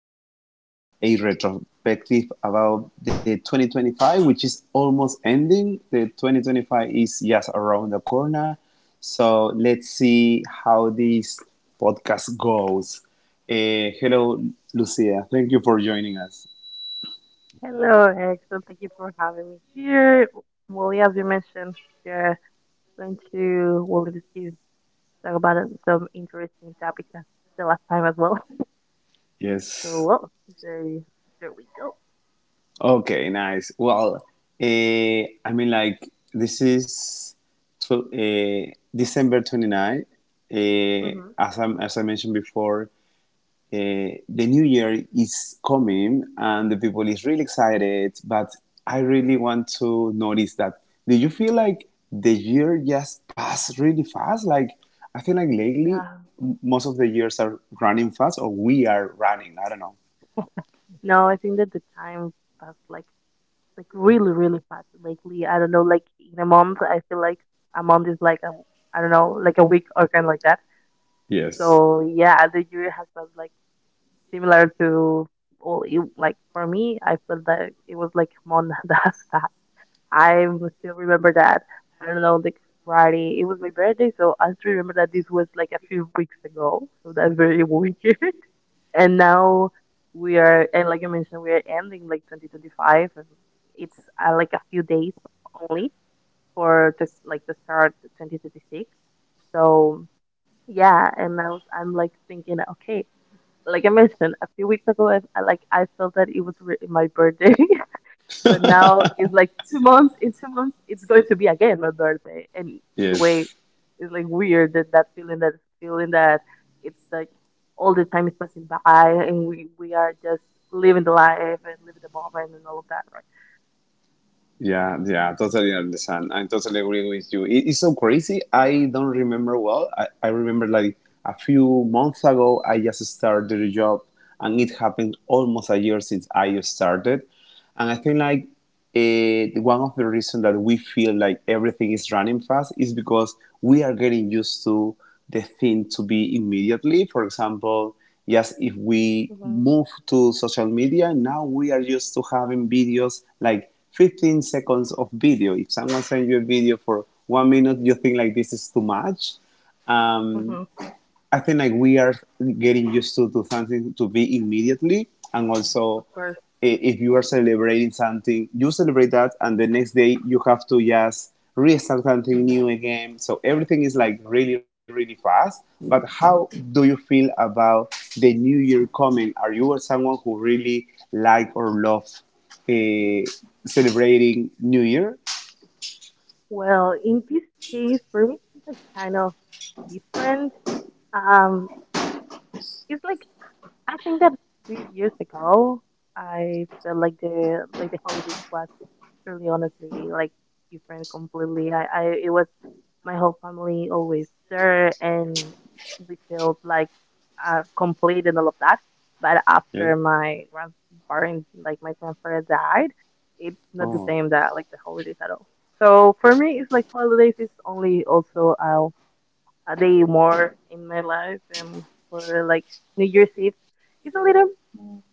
about a retrospective about the 2025, which is almost ending. The 2025 is just around the corner. So let's see how this podcast goes. Hello, Lucia. Thank you for joining us. Hello, Erickson. Thank you for having me here. Well, yeah, as we mentioned, we're going to well discuss talk about some interesting topics as the last time as well. So, Yes. well, there, there we go. Okay, nice. Well, I mean, like, this is December 29. Uh, hmm as I mentioned before, the new year is coming and the people is really excited, but I really want to notice that. Do you feel like the year just passed really fast? Like, I feel like lately, Yeah. Most of the years are running fast or we are running. I don't know. No, I think that the time passed like really, really fast lately. I don't know, like in a month, I feel like a month is like I don't know, like a week or kind of like that. Yes, So yeah, the year has passed like similar to like for me, I feel that it was like Mon that I still remember that. I don't know, like Friday. It was my birthday, so I still remember that this was like a few weeks ago. So that's very weird. And now we are, and like I mentioned, we are ending like 2025, and it's like a few days only like to start 2026. So yeah, I'm like thinking, okay, like I mentioned a few weeks ago, I felt that it was my birthday, but now it's like 2 months. In 2 months, it's going to be again my birthday, and either way, yes. it's like weird that feeling that it's like all the time is passing by, and we are just living the life and living the moment and all of that, right? Yeah, yeah, totally understand. I totally agree with you. It's so crazy. I don't remember well. I remember like a few months ago, I just started a job and it happened almost a year since I started. And I think like one of the reasons that we feel like everything is running fast is because we are getting used to the thing to be immediately. For example, just if we hmm move to social media, now we are used to having videos like 15 seconds of video. If someone sends you a video for one minute, you think like this is too much. Um, hmm I think like we are getting used to something to be immediately, and also Of course. if you are celebrating something, you celebrate that, and the next day you have to just restart something new again. So everything is like really, really fast. But how do you feel about the new year coming? Are you someone who really like or love uh, celebrating New Year? Well, in this case, for me, it's like kind of different. Um, it's like I think that 3 years ago, I felt like the holidays was truly honestly like different completely. I It was my whole family always there and we felt like complete and all of that. But Yes. after my grandparents like my grandfather died, it's not the Oh, same that like the holidays at all. So for me it's like holidays is only also a day more in my life, and for like New Year's Eve it's a little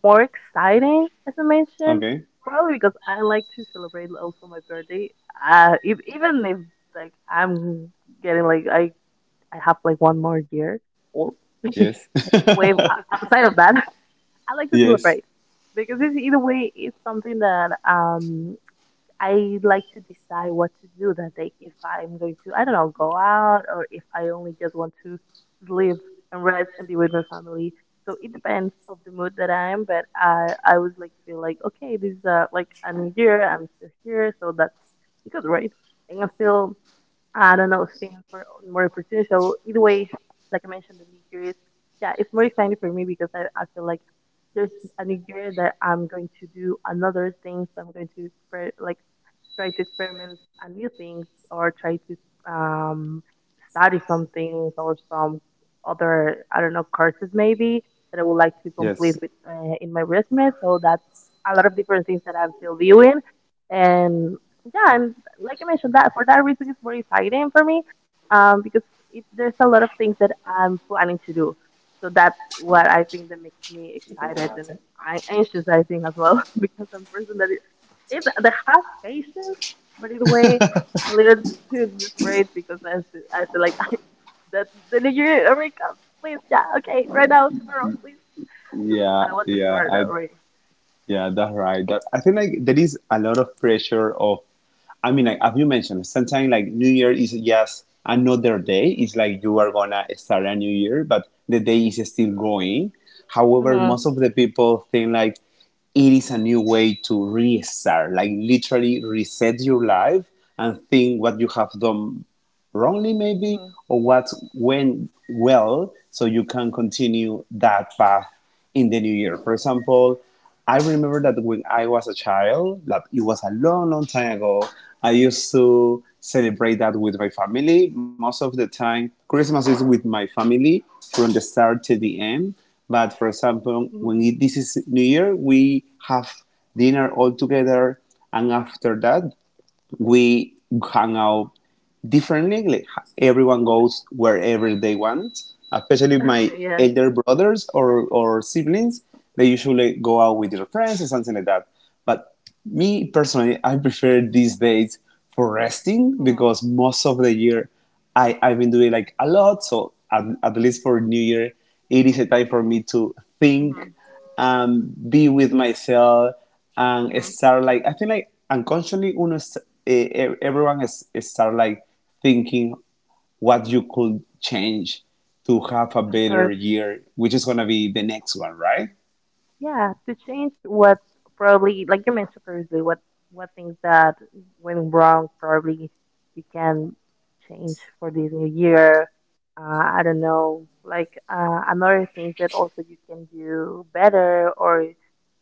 more exciting as I mentioned okay. probably because I like to celebrate also my birthday if, even if like I'm getting like I have like one more year old. Yes. Either way, outside of that, I like to Yes. celebrate because it's, either way it's something that I like to decide what to do that day. If I'm going to, I don't know, go out, or if I only just want to sleep and rest and be with my family. So it depends of the mood that I am, but I always like feel like okay, this is like a new year. I'm still here, so that's good, right? And I feel I don't know, seeing for more opportunities. So either way, like I mentioned, the new year is yeah, it's more exciting for me because I feel like there's a new year that I'm going to do another things. I'm going to spread like try to experiment new things, or try to um, study some things or some other I don't know courses maybe that I would like to complete Yes. with in my resume. So that's a lot of different things that I'm still viewing, and yeah, and like I mentioned, that for that reason it's very exciting for me because there's a lot of things that I'm planning to do. So that's what I think that makes me ¿Y puedes excited and ganarte? I anxious. I think as well. Because I'm a person that it's the half faces, but either way, I learned to this phrase because I feel like that the new year already comes. Please, yeah, okay, right now, tomorrow, please, because I Yeah, want to yeah, start that I already. yeah, that's right. I think like there is a lot of pressure of. I mean, like as you mentioned, sometimes like New Year is just another day. It's like you are gonna start a new year, but the day is still going. However, Uh-huh. most of the people think like it is a new way to restart, like literally reset your life and think what you have done wrongly maybe Uh-huh. or what went well so you can continue that path in the new year, for example. I remember that when I was a child, that it was a long, long time ago. I used to celebrate that with my family. Most of the time, Christmas is with my family from the start to the end. But for example, Mm-hmm. This is New Year we have dinner all together, and after that we hang out differently. Like everyone goes wherever they want. Especially my Yeah. elder brothers or siblings, they usually go out with their friends or something like that. But me personally, I prefer these days for resting Mm-hmm. because most of the year I've been doing like a lot. So at least for New Year, it is a time for me to think be with myself and start, like I think like unconsciously uno everyone is start like thinking what you could change to have a Of better course. year, which is gonna be the next one, right? Yeah, to change what probably, like you mentioned previously, what things that went wrong probably you can change for this new year. Uh, I don't know, like another things that also you can do better, or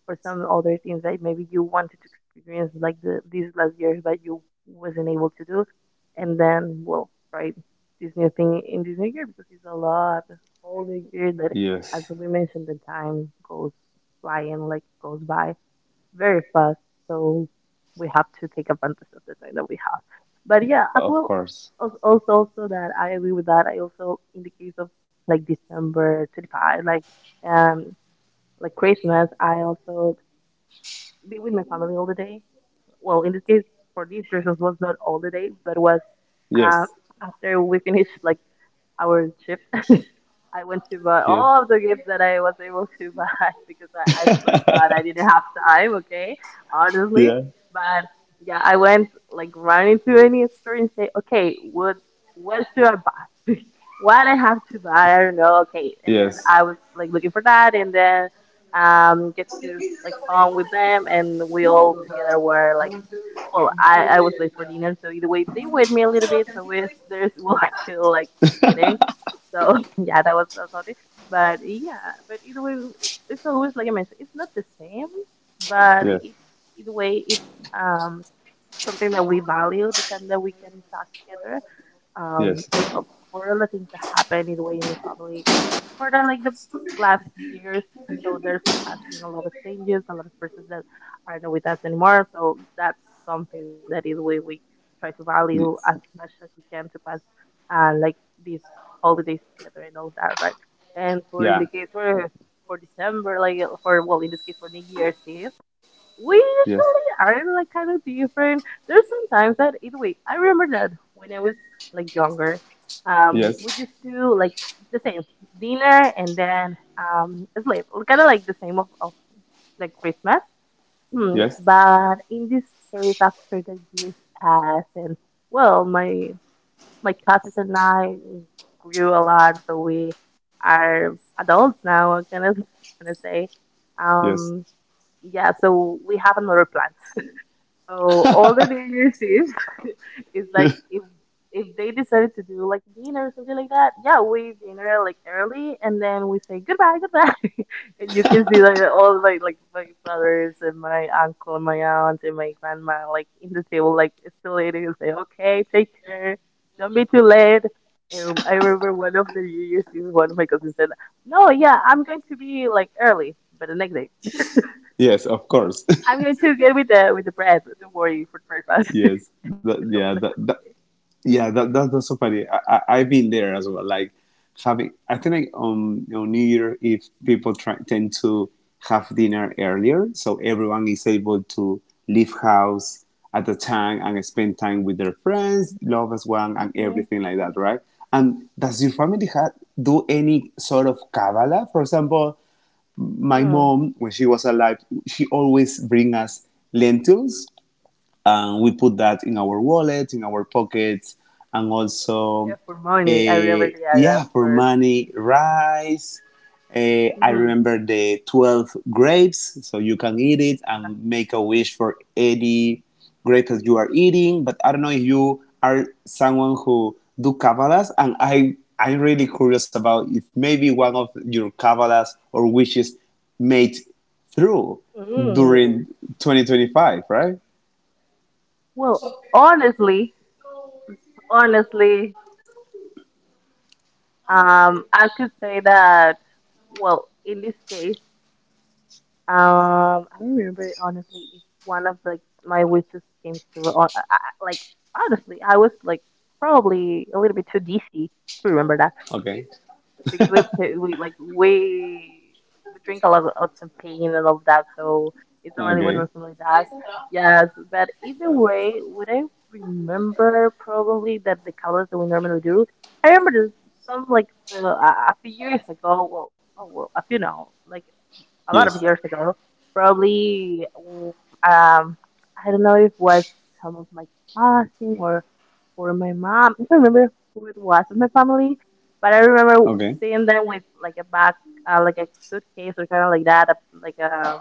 for some other things that maybe you wanted to experience like these last years but you wasn't able to do, and then well try this new thing in this new year because it's a lot of whole new year that as Yes. we mentioned the time goes flying like goes by very fast, so we have to take advantage of the time that we have. But yeah, as Of well course. Also that I agree with that. I also in the case of like December 25th um like Christmas I also be with my family all the day. Well, in this case, for these persons was not all the day, but was Yes. uh, after we finished like our trip. I went to buy Yeah. all the gifts that I was able to buy because I forgot. I didn't have time, okay? Honestly. Yeah. But yeah, I went like running to any store and say, okay, what should I buy? What I have to buy, I don't know, okay. And then Yes. I was like looking for that, and then get to like phone with them and we all together were like well, I was late for dinner, so either way, they wait me a little bit. So if there's, well, I feel like eating. So yeah, that was that's all it. But yeah, but either way, it's always like I mentioned, it's not the same, but Yes. it, either way, it's um something that we value the time that we can talk together Yes. because of all the things that happen in the Wayne family more than like the last years. So there's has been a lot of changes, a lot of persons that are not with us anymore. So that's something that is we try to value Y- as much as we can to pass like these holidays together and all that, right? And for in the yeah. case for December, like for well in this case for New Year's Eve we Yes. usually are like kind of different. There's sometimes that either way. I remember that when I was like younger, we Yes. just do like the same dinner and then sleep. Kind of like the same of like Christmas. Hmm. Yes. But in this case, after the years passed, and well, my cousins and I grew a lot, so we are adults now. I'm gonna gonna say, Yes. um, yeah. So we have another plan, so all the New Year's Eve is like if they decided to do like dinner or something like that, yeah, we dinner like early and then we say goodbye, goodbye. And you can see like all my like my brothers and my uncle and my aunt and my grandma like in the table like still eating and say, okay, take care, don't be too late. I remember one of the New Year's Eve, one of my cousins said, "No, yeah, I'm going to be like early, but the next day yes. Of course. I'm going to get with the bread. Don't worry for breakfast." yes. And I'm Yeah. like, That, that okay. yeah, that, that that's so funny. I've been there as well. Like having, I think like on New Year, if people tend to have dinner earlier, so everyone is able to leave house at the time and spend time with their friends, love as one, and Mm-hmm. everything like that, right? And does your family do any sort of Kabbalah? For example, my Mm. mom, when she was alive, she always bring us lentils and we put that in our wallet, in our pockets, and Yeah, also, for uh, money. I remember the idea yeah, at for first. money, rice. I Hmm. remember the 12 grapes, so you can eat it and make a wish for any grape that you are eating. But I don't know if you are someone who do Kabbalahs, and I'm really curious about if maybe one of your Kabbalahs or wishes made through Mm. during 2025, right? Well, honestly, honestly, I could say that, well, in this case, I remember honestly, it's one of the my wishes came through. On, like honestly, I was like probably a little bit too dizzy to remember that. Okay. Because we ta- we like we drink a lot of champagne and all of that, so it's not really what my Okay. family does. Yes, but either way, what I remember probably that the colors that we normally do, I remember there's some like a few years ago. Well, oh, well, a few now, like a Yes. lot of years ago. Probably, um, I don't know if it was some of my cousin or my mom. I don't remember who it was in my family, but I remember Okay. seeing them with like a bag, like a suitcase or kind of like that, like a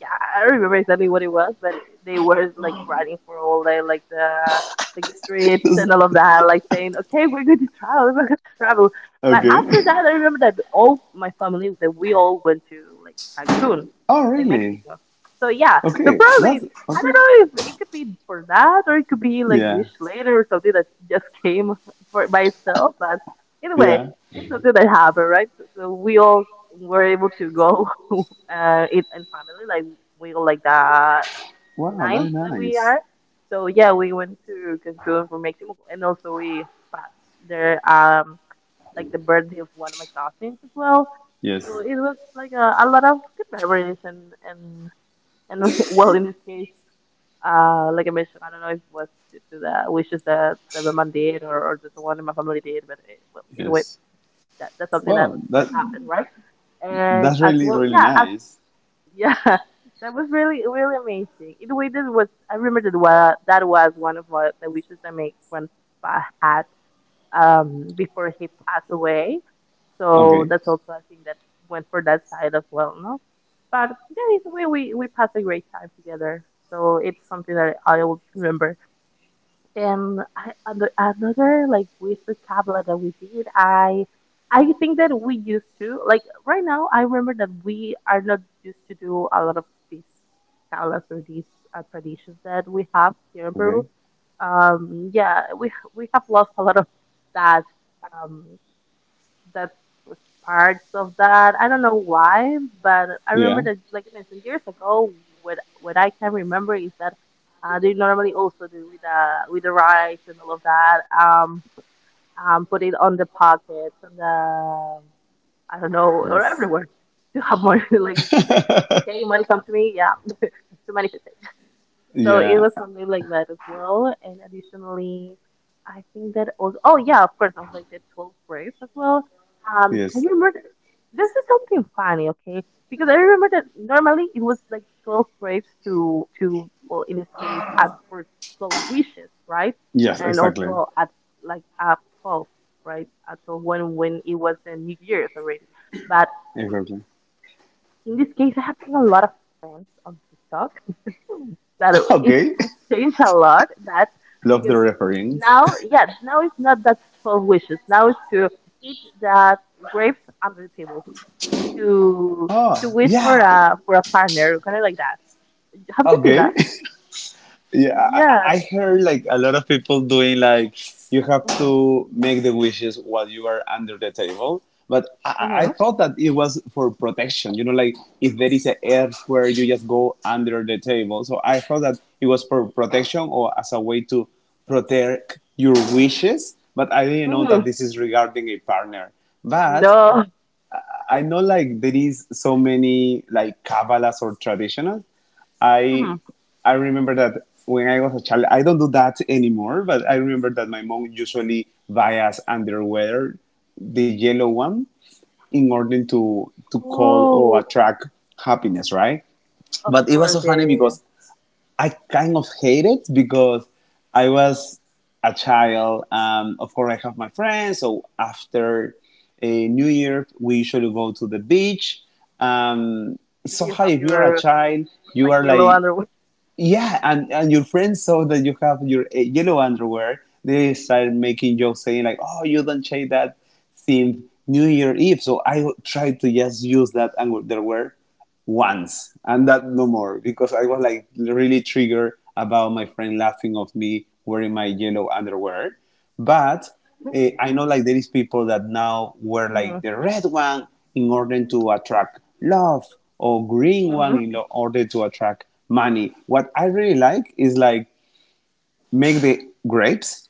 yeah, I don't remember exactly what it was, but they were like running for all day, like the streets and all of that, like saying, "Okay, we're going to travel, we're going to travel." But okay. after that, I remember that all my family that we all went to like Cancun, Oh, like really? Mexico. So yeah, so Okay. probably That's I okay. don't know if it could be for that, or it could be like Yeah. wish later or something that just came for by itself. But either way, Yeah. it's something that happened, right? So we all were able to go in family. Like we were like that Wow, that's ninth that we nice. are. So yeah, we went to Cancun for Mexico, and also we passed there like the birthday of one of my cousins as well. Yes. So it was like a lot of good memories, and well, in this case, like I mentioned, I don't know if it was due to the wishes that my mom did or just one in my family did, but it, well, either way, Yes. that's something that Wow, that that happened, right? And that's as really well, really nice. yeah, that was really, really amazing. In way, that was I remember that wa that was one of what the wishes that my grandpa had before he passed away. So Okay. that's also I think that went for that side as well, no? But yeah, in a way, we passed a great time together. So it's something that I always remember. And another like wish vocabulary that we did, I think that we used to like right now. I remember that we are not used to do a lot of this caulas or these traditions that we have here in Peru. Okay. Yeah, we have lost a lot of that um, that was parts of that. I don't know why, but I remember Yeah. that, like I mentioned years ago, what I can remember is that they normally also do with the rice and all of that. Put it on the pockets and the I don't know or Yes. everywhere to have money. like you to say, okay, money come to me, yeah, to manifest. So it Yeah. was something like that as well. And additionally, I think that also, oh yeah, of course, I was like the twelfth Braves as well. I Yes. remember this is something funny, okay? Because I remember that normally it was like 12 Braves to well, in this case, ask for 12 wishes, right? Yes. And Exactly. also at like at 12, right? At 12 when it was the New Year's already, but. Exactly. In this case, I have seen a lot of trends on TikTok that it Okay. has changed a lot. That Love because the reference. now, yeah, now it's not that 12 wishes. Now it's to eat that grapes under the table, to Oh, to wish for yeah. a partner, kind of like that. Have you seen Okay. that? Yeah, Yeah. I heard like a lot of people doing like you have Mhm. to make the wishes while you are under the table. But I Mhm. thought that it was for protection. You know, like if there is an earthquake, you just go under the table. So I thought that it was for protection or as a way to protect your wishes. But I didn't know Mhm. that this is regarding a partner. But No. I know like there is so many like Kabbalahs or traditional. I Mhm. I remember that when I was a child, I don't do that anymore, but I remember that my mom usually buy us underwear, the yellow one, in order to call or Oh, attract happiness, right? of But it was course. so Yeah, funny yeah, yeah. because I kind of hate it because I was a child. Of course, I have my friends. So after a New Year, we usually go to the beach. Um, You somehow, have if you are a your child, like you yellow are like underwear. yeah, and your friends saw that you have your yellow underwear. They started making jokes saying like, "Oh, you don't change that since New Year Eve." So I tried to just use that underwear once, and that no more, because I was like really triggered about my friend laughing of me wearing my yellow underwear. But I know like there is people that now wear Mhm. like the red one in order to attract love or green Mhm. one in order to attract money. What I really like is like make the grapes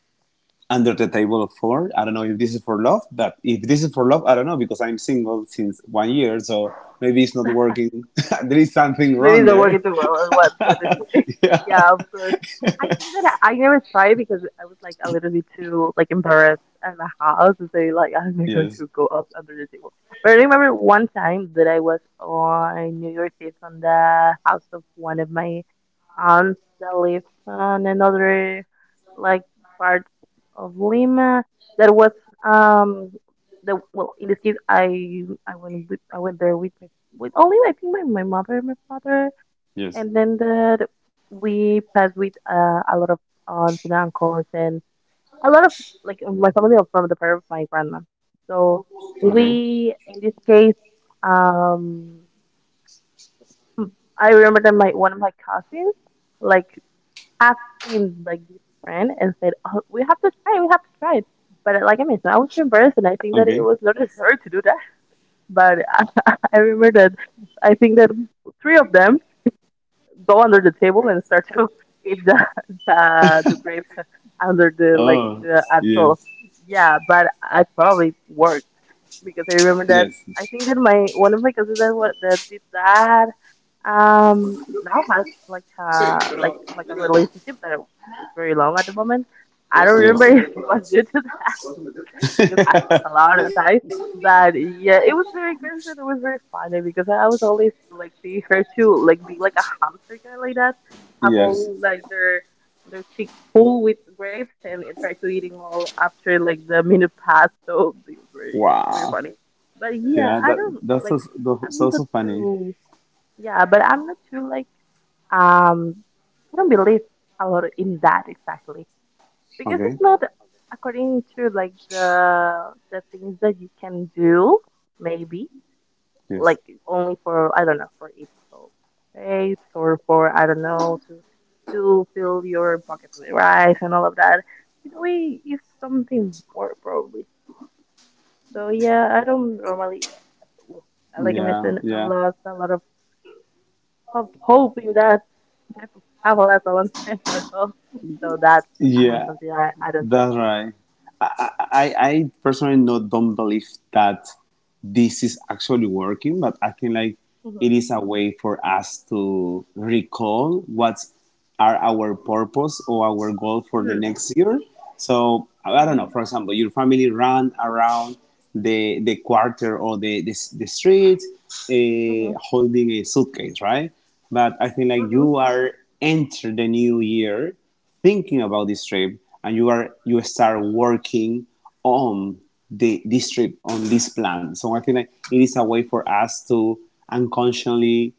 under the table, for I don't know if this is for love, but if this is for love, I don't know because I'm single since one year, so maybe it's not working. There is something Maybe wrong they're there. working too well. What? One yeah, of course. I think that I never tried because I was like a little bit too like embarrassed at my house to say like I'm not going Yes. to go up under the table. But I remember one time that I was on New Year's Eve on the house of one of my aunts that lives on another like part of Lima. That was um the well in this case I went I went there with only I think my mother and my father, Yes. and then the, we passed with a lot of aunts and uncles and a lot of like my family are from the part of my grandma. So Okay. we in this case, um, I remember that my one of my cousins like asked in like this friend and said, oh, "We have to we have to try it." But like I mentioned, I was too embarrassed, and I think that Okay. it was not necessary to do that. But I remember that I think that three of them go under the table and start to eat the grapes under the like Oh. the Yes. actual yeah but I probably worked because I remember that I Yes. think that my one of my cousins that did that now has like Sí, a like pero like a mira, relationship that is very long at the moment. a, I don't Yes. vamos remember a if meter para. it was due to Vamos that a meter. because I was a lot of the time. But yeah, it was very good and it was very funny because I was always like see her too, like be like a hamster guy like that, have Yes. all like their cheeks full with grapes and try to eating all after like the minute passed. So it was very very Wow. funny. But yeah, Yeah, I that don't that's like so so, I'm so not so funny. too yeah, but I'm not too like um I don't believe a lot in that exactly because it's Okay. not according to like the things that you can do maybe Yes. like only for I don't know for each of faith or for I don't know to fill your buckets with rice and all of that it way it's something more probably so yeah I don't normally well, like I Yeah, mentioned I yeah. lost a lot of hope in that I have travel a long time ago so that's Yeah, something I don't do that's anymore. right. I personally not don't believe that this is actually working, but I think like it is a way for us to recall what are our purpose or our goal for the Hmm. next year. So I don't know. Hmm. For example, your family run around the quarter or the street, Mhm. holding a suitcase, right? But I think like Mhm. you are enter the new year thinking about this trip, and you start working on the this trip, on this plan. So I think like it is a way for us to unconsciously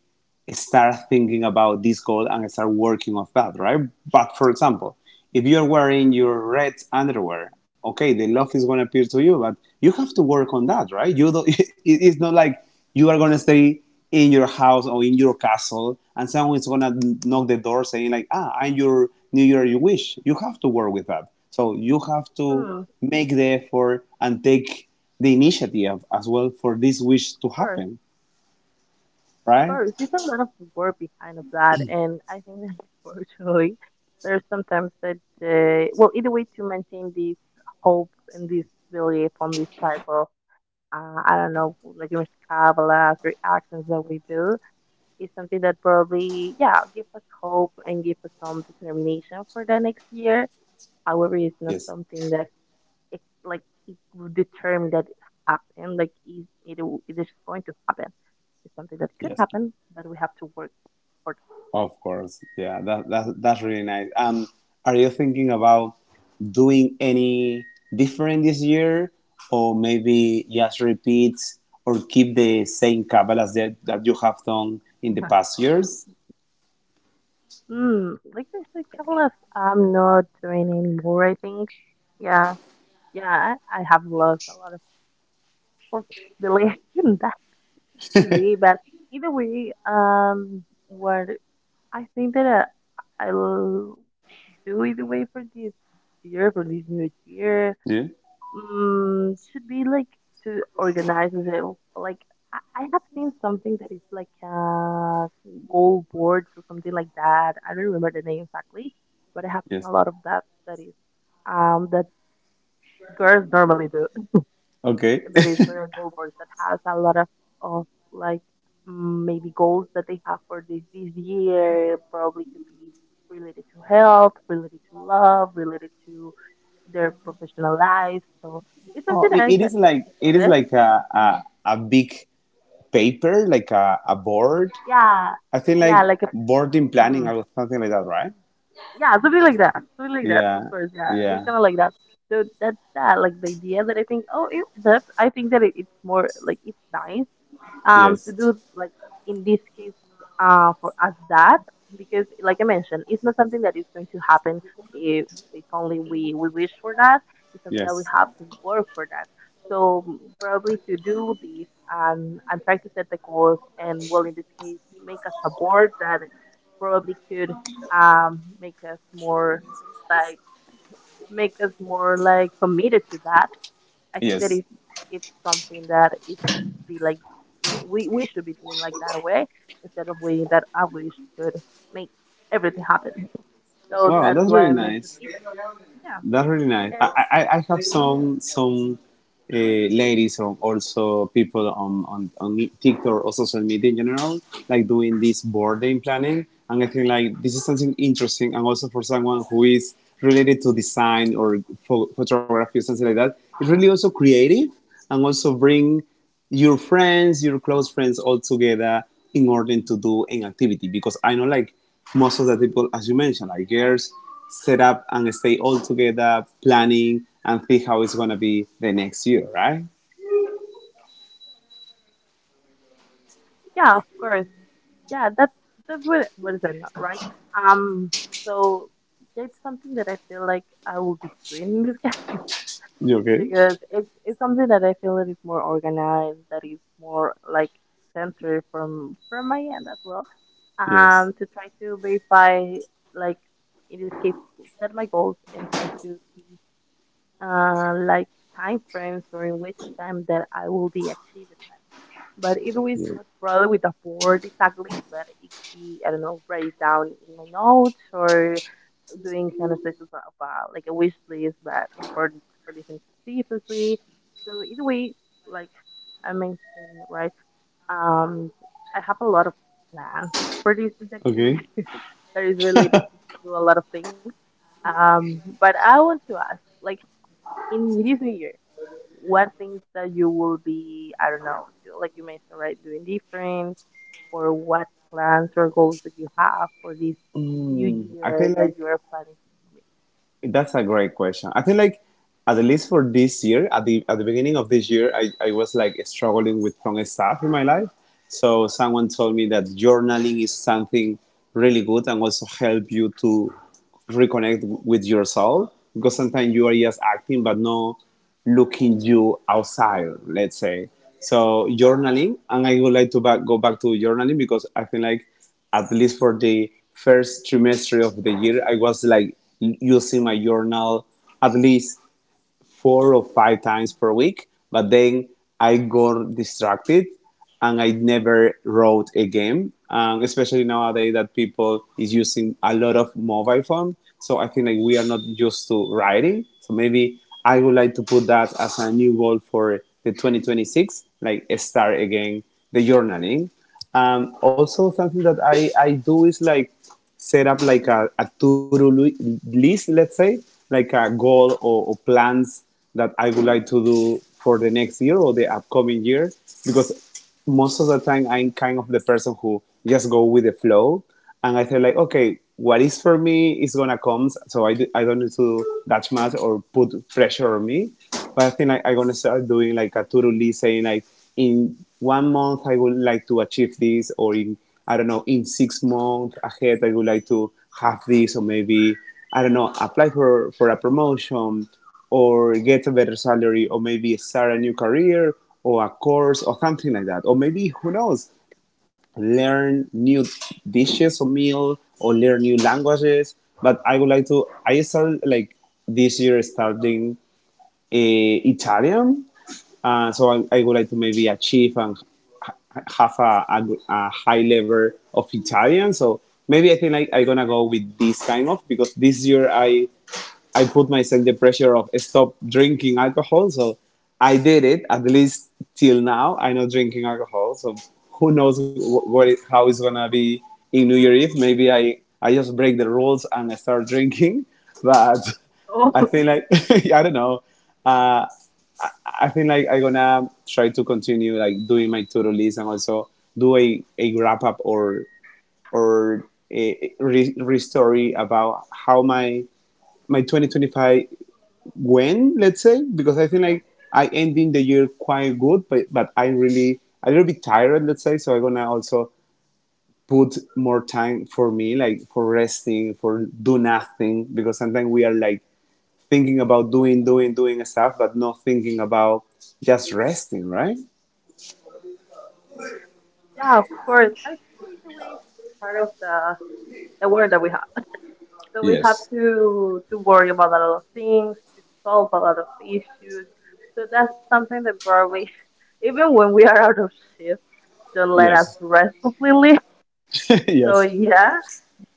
start thinking about this goal and start working off that, right? But for example, if you're wearing your red underwear, okay, the love is going to appear to you, but you have to work on that, right? You don't, it's not like you are going to stay in your house or in your castle and someone is going to knock the door saying like, ah, I'm your New Year you wish. You have to work with that. So you have to Mm, of make the effort and take the initiative as well for this wish to course, happen, of right? course. There's a lot of work behind of that, and I think that unfortunately, there's sometimes that they, well, either way to maintain this hope and this belief on this type of, I don't know, like Mr. Kabbalah's reactions that we do is something that probably, yeah, give us hope and give us some determination for the next year. However, Yes. it's not something that it like it would determine that it happened. Like it is going to happen. It's something that could Yes. happen, but we have to work for Of course, yeah, that, that it. that's really nice. Are you thinking about doing any different this year, or maybe just repeat or keep the same couple as that that you have done in the past years? Mm, like I said, Camelot, I'm not doing anymore. I think. Yeah, yeah, I have lost a lot of responsibility. in that could be, but either way, what I think that I'll do either way for this year, for this new year. Yeah. Mm, should be like to organize it. Like I have seen something that is like goal boards or something like that. I don't remember the name exactly, but I have seen Yes. a lot of that that is that girls normally do Okay. that is miracle work that has a lot of like mm, maybe goals that they have for this this year probably could be related to health related to love related to their professional life so it's oh, something that it, I it get is the like it is interest. like a Mhm. a, a big paper, like a board. Yeah. I think like Yeah, like a, board in planning mhm. or something like that, right? Yeah, something like that, something like that, of Yeah. course, yeah, it's Yeah. kind of like that. So that's that like the idea that I think that it's more like it's nice to do Yes. like in this case for us that because like I mentioned it's not something that is going to happen if if only we wish for that it's something that Yes. we have to work for that. So mm, probably to do this and try to set the goals and well in this case make us a board that probably could make us more like make us more like committed to that. I think that Yes. It's something that it should be like we should be doing like that way instead of way that I wish could make everything happen. So Wow, that's that's why really I mentioned nice. it. Yeah, That's really nice. and I have some ladies or also people on TikTok or social media in general, like doing this boarding planning. And I think like this is something interesting. And also for someone who is related to design or photography or something like that, it's really also creative and also bring your friends, your close friends all together in order to do an activity. Because I know like most of the people, as you mentioned, like girls set up and stay all together planning and think how it's gonna be the next year, right? yeah, of course, yeah. That's what is that not right? Um, so that's something that I feel like I will be doing in this case. You okay? Because it's something that I feel that is more organized, that is more like centered from my end as well. Yes. To try to verify, like in this case, set my goals and try to see, like time frames or in which time that I will be achieving that. But it was Yeah. not brought with a board exactly, but it could be I don't know, write it down in my notes or doing kind of like a wish list, but for this specifically. So either way, like I mentioned, right? Um, I have a lot of plans for this next Okay. year that is related to a lot of things. But I want to ask, like in this new year, what things that you will be, I don't know, like you mentioned, right, doing different, or what plans or goals that you have for this new I feel year that like you are planning to. That's a great question. I think like at least for this year, at the beginning of this year, I was like struggling with some stuff in my life. So someone told me that journaling is something really good and also help you to reconnect with yourself because sometimes you are just acting but not looking you outside, let's say. So journaling, and I would like to go back to journaling because I feel like at least for the first trimester of the year, I was like using my journal at least 4 or 5 times per week, but then I got distracted and I never wrote a game. Especially nowadays that people is using a lot of mobile phone. So I think like we are not used to writing. So maybe I would like to put that as a new goal for the 2026, like start again the journaling. Also something that I do is like set up like a to-do list, let's say, like a goal or plans that I would like to do for the next year or the upcoming year. Because most of the time I'm kind of the person who just go with the flow. And I feel like, okay, what is for me is going to come. So I don't need to that much or put pressure on me. But I think like, I'm going to start doing like a to-do list saying like, in one month I would like to achieve this or in I don't know, in 6 months ahead, I would like to have this, or maybe, I don't know, apply for, a promotion, or get a better salary, or maybe start a new career, or a course, or something like that. Or maybe, who knows, learn new dishes or meal, or learn new languages. But I would like to, I started like this year starting Italian. So I would like to maybe achieve and have a high level of Italian. So maybe I think like I'm gonna go with this kind of because this year I put myself the pressure of stop drinking alcohol. So I did it at least till now. I'm not drinking alcohol. So who knows what it, how it's gonna be in New Year Eve. Maybe I just break the rules and I start drinking. But I Oh, think like I don't know. Uh, I think like I'm gonna try to continue like doing my to-do list and also do a wrap up or a story about how my 2025 went. Let's say because I think mhm. like I ending the year quite good, but I really a little bit tired. Let's say so I'm gonna also put more time for me like for resting for do nothing because sometimes we are like thinking about doing doing stuff but not thinking about just resting, right? Yeah, of course. Actually, the way it's part of the world that we have, so we have Yes. to worry about a lot of things, to solve a lot of issues. So that's something that probably, even when we are out of shift, don't let us Yes. rest completely. So Yes. yeah,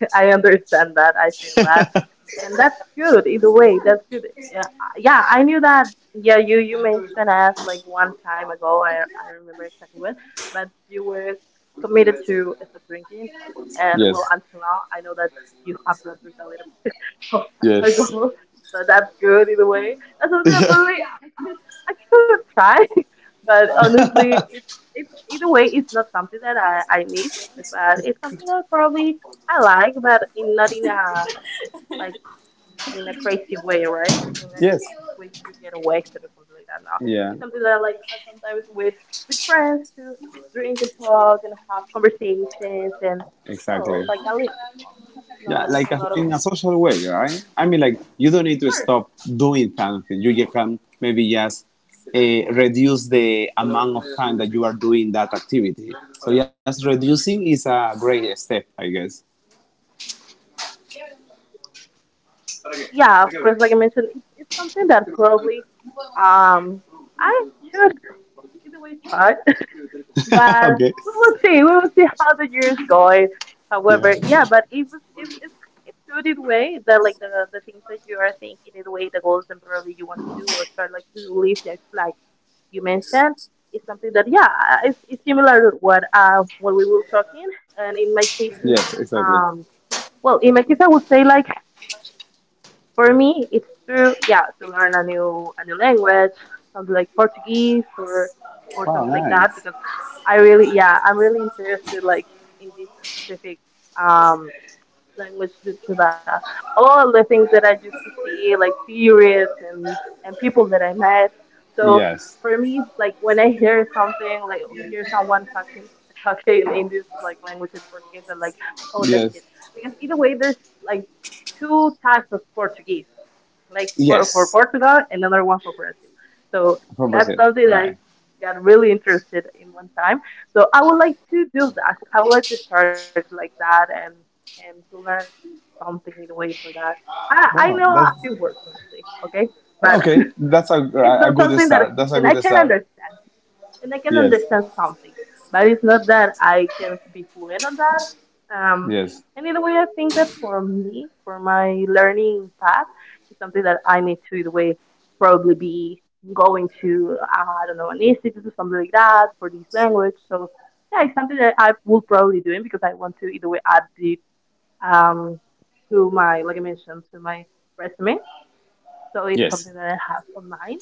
I understand that. I feel that, and that's good. Either way, that's good. Yeah, yeah. I knew that. Yeah, you mentioned us like one time ago. I don't remember exactly when, but you were committed to stop drinking, and well, Yes. until now, I know that you have to drink a little bit of Yes. alcohol, so that's good. Either way, that's something I probably Yeah. I could try, but honestly, it's either way, it's not something that I need, but it's something that probably I like, but in not in a like crazy way, right? In a Yes. way to get away to it or something like that. No, Yeah. it's something that I like sometimes with friends to drink and talk and have conversations and Exactly. well, like a little bit only, not Yeah, like a a, lot of. in a social way, right? I mean, like you don't need to Sure. stop doing something. You just can maybe just uh, reduce the amount of time that you are doing that activity. So just reducing is a great step, I guess. Yeah, of course. Like I mentioned, it's something that probably um I should in a way try. But Okay. we will see. We will see how the year is going. However, Yeah. yeah, but it's good in a way that like the things that you are thinking in the way the goals and probably you want to do or start like to live that like you mentioned is something that yeah it's similar to what we were talking, and in my case Yes. Exactly. um well, in my case I would say like for me, it's true, yeah, to learn a new language, something like Portuguese or Wow. something like that, Nice. because I really, yeah, I'm really interested like in this specific um language due to the all the things that I used to see, like theories and people that I met. So Yes. for me, like when I hear something, like hear someone talking talking in this like language in Portuguese, I'm like, oh, that's it. Yes. Because either way, there's like two types of Portuguese like for Yes. Portugal, another one for Brazil. So From that's Brazil, something that I right? got really interested in one time. So I would like to do that. I would like to start like that and to learn something in a way for that. I Wow, know a that's few words honestly, okay, yeah, but okay. That's it's a not good something that start. That's a and I good can start. understand and I can Yes, understand something. But it's not that I can be fluent on that. Yes, And in a way, I think that for me, for my learning path, it's something that I need to, in a way, probably be going to, I don't know, an institute or something like that for this language. So, yeah, it's something that I will probably doing because I want to, either way, add it um, to my, like I mentioned, to my resume. So it's yes. something that I have on mind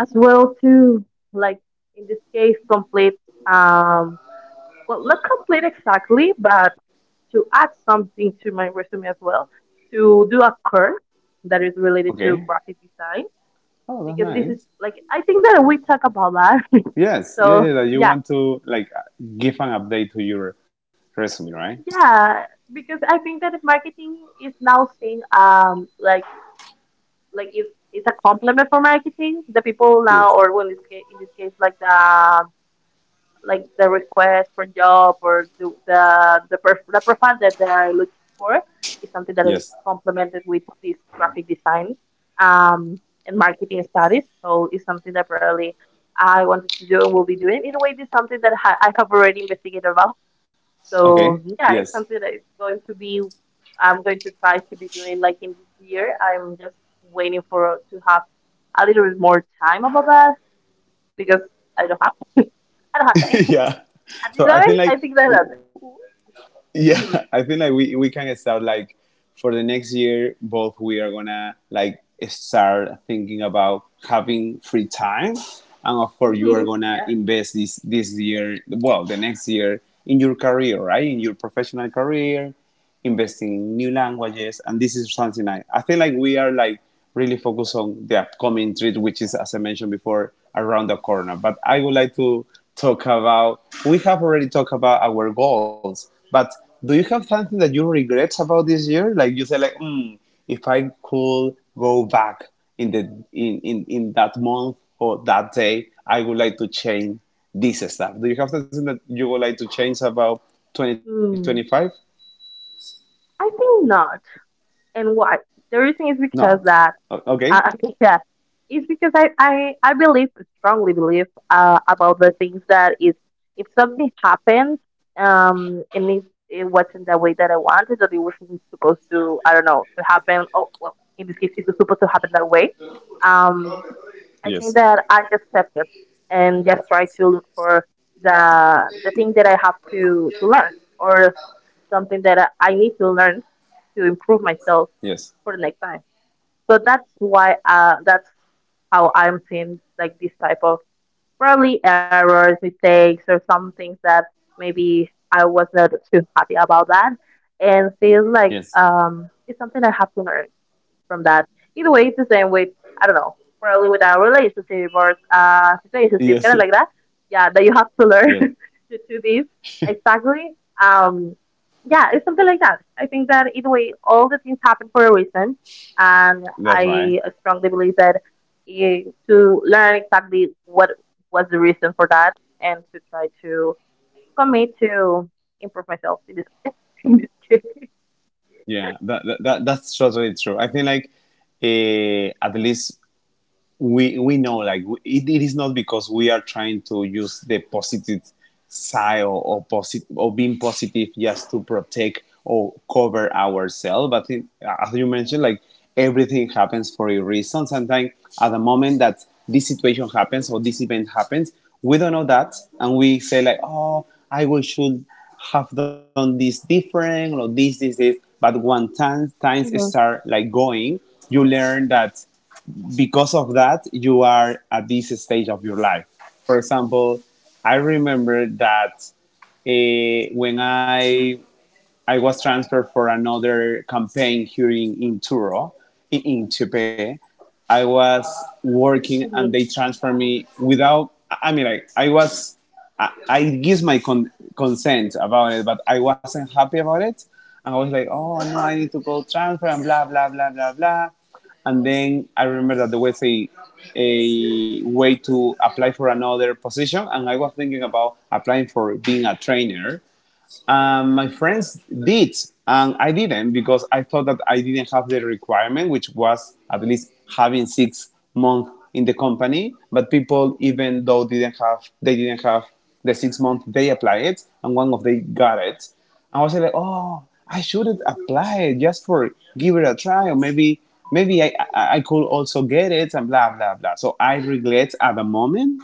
as well too like in this case complete um well, not complete exactly, but to add something to my resume as well to do a course that is related to Okay. graphic design, Oh, that's because this is nice. like I think that we talk about that. Yes, yeah, So yeah. That you yeah, want to like give an update to your resume, right? yeah, because I think that marketing is now seeing like it's a complement for marketing the people now Yes, or well, in this case, like the request for job or the, the profile that they are looking for is something that is yes. complemented with this graphic design and marketing studies. So it's something that probably I wanted to do and will be doing. In a way, it's something that I have already investigated about. Okay. So yeah, it's Yes. something that is going to be. I'm going to try to be doing like in this year. I'm just waiting for to have a little bit more time about that, because I don't have I don't have time. Yeah. At the So I time, think I like think that yeah, happened. I feel like we can start like for the next year both we are gonna like start thinking about having free time and of course you are Hmm, gonna yeah. invest this this year, well, the next year in your career, right, in your professional career, investing in new languages, and this is something I think like we are like really focused on the upcoming treat, which is as I mentioned before, around the corner. But I would like to talk about we have already talked about our goals, but do you have something that you regret about this year? Like you say like, hmm, if I could go back in the in that month or that day, I would like to change this stuff. Do you have something that you would like to change about 2025? Mm. I think not. And why? The reason is Not. because that, Okay. uh, yeah, it's because I believe, strongly believe about the things that is, if something happened and it wasn't the way that I wanted, that it wasn't supposed to, I don't know, to happen, oh, well, in this case, it's supposed to happen that way. Um, Yes. I think that I just accept it and just try to look for the the thing that I have to learn or something that I need to learn to improve myself Yes. for the next time. So that's why that's how I'm seeing like this type of probably errors, mistakes, or some things that maybe I was not too happy about that, and feels like Yes. It's something I have to learn from that. Either way, it's the same with I don't know, probably with a relationship or situationship, Yes. kind of like that. Yeah, that you have to learn Yes. to do this exactly. Um, yeah, it's something like that. I think that either way, all the things happen for a reason, and That's right. I strongly believe that you, to learn exactly what was the reason for that, and to try to commit to improve myself in this in this case. Yeah. That that's totally true. I feel like at least we know like it is not because we are trying to use the positive side or positive or being positive just to protect or cover ourselves, but it, as you mentioned like everything happens for a reason. Sometimes at the moment that this situation happens or this event happens we don't know that, and we say like, oh, I will should have done this different or this this. But when times Mhm. start like going you learn that because of that you are at this stage of your life. For example, I remember that when I was transferred for another campaign here in Turo, in Chepe. I was working Mhm. and they transferred me without, I mean, like, I give my consent about it, but I wasn't happy about it. And I was like, oh Of no, course. I need to go transfer and blah, blah, blah, blah, blah. And then I remember that there was a way to apply for another position. And I was thinking about applying for being a trainer and my friends did, and I didn't because I thought that I didn't have the requirement, which was at least having 6 months in the company. But people, even though didn't have, they didn't have the 6 months, they applied it, and one of them got it. And I was like, oh, I shouldn't apply it just for give it a try, or maybe I could also get it, and blah blah blah. So I regret at the moment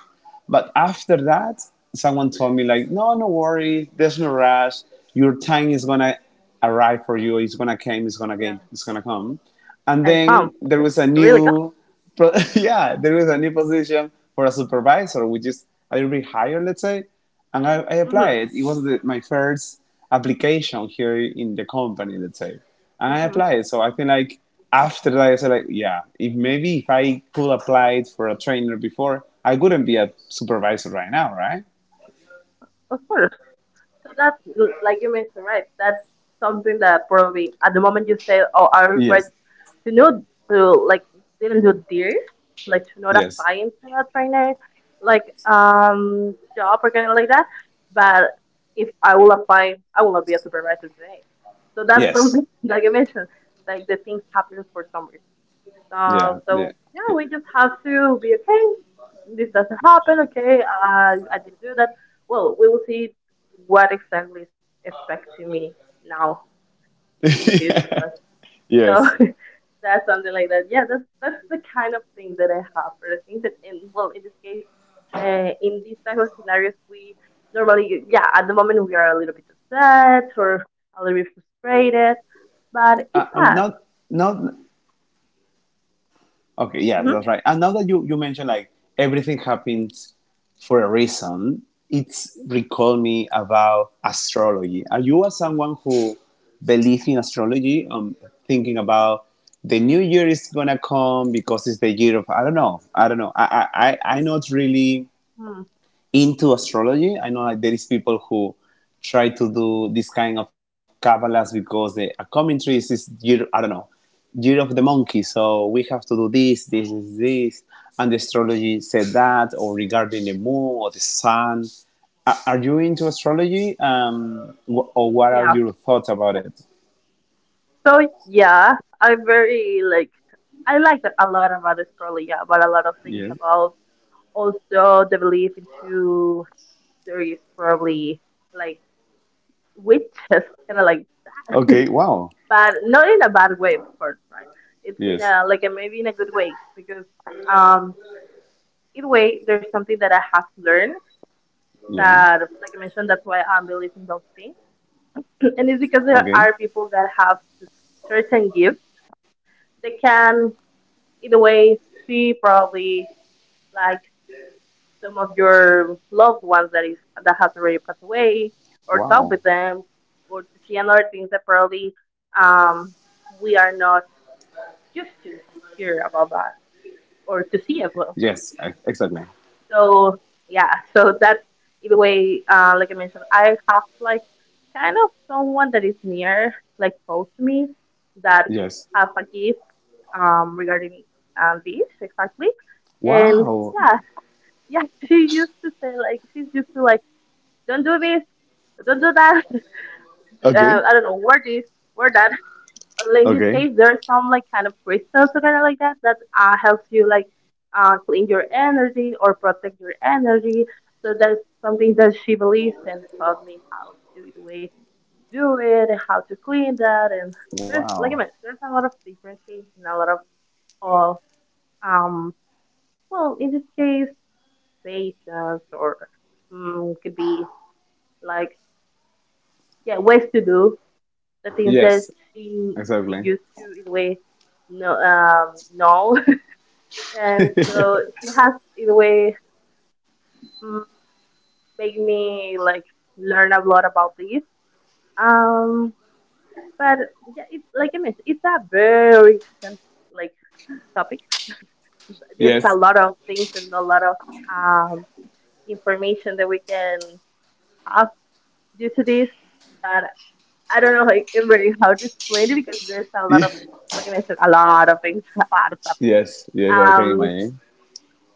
but after that, someone told me like, no, no worry, there's no rush. Your time is gonna arrive for you. It's gonna come. It's gonna get. Yeah. It's gonna come. And I found. then there was a Really good. new but yeah, there is a new position for a supervisor, which is a little bit higher, let's say. And I Mm-hmm. applied. It was my first application here in the company, let's say. And I Mm-hmm. applied. So I think like after that, I said like, yeah, if maybe if I could apply it for a trainer before, I wouldn't be a supervisor right now, right? Of course. So that's like you mentioned, right? That's something that probably at the moment you say, "Oh, I Yes, regret to know to like didn't do this, like to not yes, apply into a trainer, like job or kind of like that." But if I will apply, I will not be a supervisor today. So that's yes, something like you mentioned, like the things happen for some reason. Stuff. yeah, yeah, So yeah, we just have to be okay. This doesn't happen. Okay, I didn't do that. Well, we will see what exactly is affecting me now in the future. Right? yes. So that's something like that. Yeah, that's the kind of thing that I have for the things that in well in this case, in these type of scenarios we normally yeah at the moment we are a little bit upset or a little bit Uh, frustrated, and not, but it not passed. Okay, yes, that's right. And now that Mm-hmm. you mentioned like everything happens for a reason, it's recalled me about astrology. Are you as someone who believes in astrology? Thinking about the new year is gonna come because it's the year of I don't know, I don't know. I'm not really Hmm. into astrology. I know like, there is people who try to do this kind of Kabbalahs because a commentary is this year, I don't know, year of the monkey. So we have to do this, this, this, this. And the astrology said that, or regarding the moon or the sun. You into astrology? Or what are Yeah. your thoughts about it? So yeah, I'm very like I like that a lot about Australia, but a lot of things Yes. about also the belief into there is probably like witches, kind of like, Okay. Wow. but not in a bad way, of course, right? It's in Yes. a like a, maybe in a good way because um either way, there's something that I have learned Yeah. that, like I mentioned, that's why I'm believing those things, and it's because there Okay. are people that have certain gifts, they can either way, see probably like some of your loved ones that is that has already passed away, or talk Wow. with them, or to see another things that probably um, we are not used to hear about that Yes. Or to Exactly. see as well. So yeah, so that's either way. Like I mentioned, I have like kind of someone that is near, like close to me, that Yes. have a gift regarding this exactly, and Wow. yeah, Yeah, she used to say like she's used to like don't do this, don't do that. Okay. I don't know, wear this, wear that. In this Okay. case, there are some like kind of crystals or kind of like that that helps you like clean your energy or protect your energy. So that's something that she believes and taught me how to the way to do it and how to clean that. And there's like I Wow. mentioned, there's a lot of differences and a lot of um well, in this case, pages or mm, could be like yeah ways to do the things that Yes. she she Exactly. used to in a way no no and so she has in a way mm, made me like learn a lot about this um but yeah, it's like I mentioned, it's a very extensive like topic. There's Yes. a lot of things and a lot of um information that we can have due to this. But I don't know like really how to explain it because there's a lot of Yes. like I mentioned a lot of things, a lot of topics. Yes. I can Um, imagine.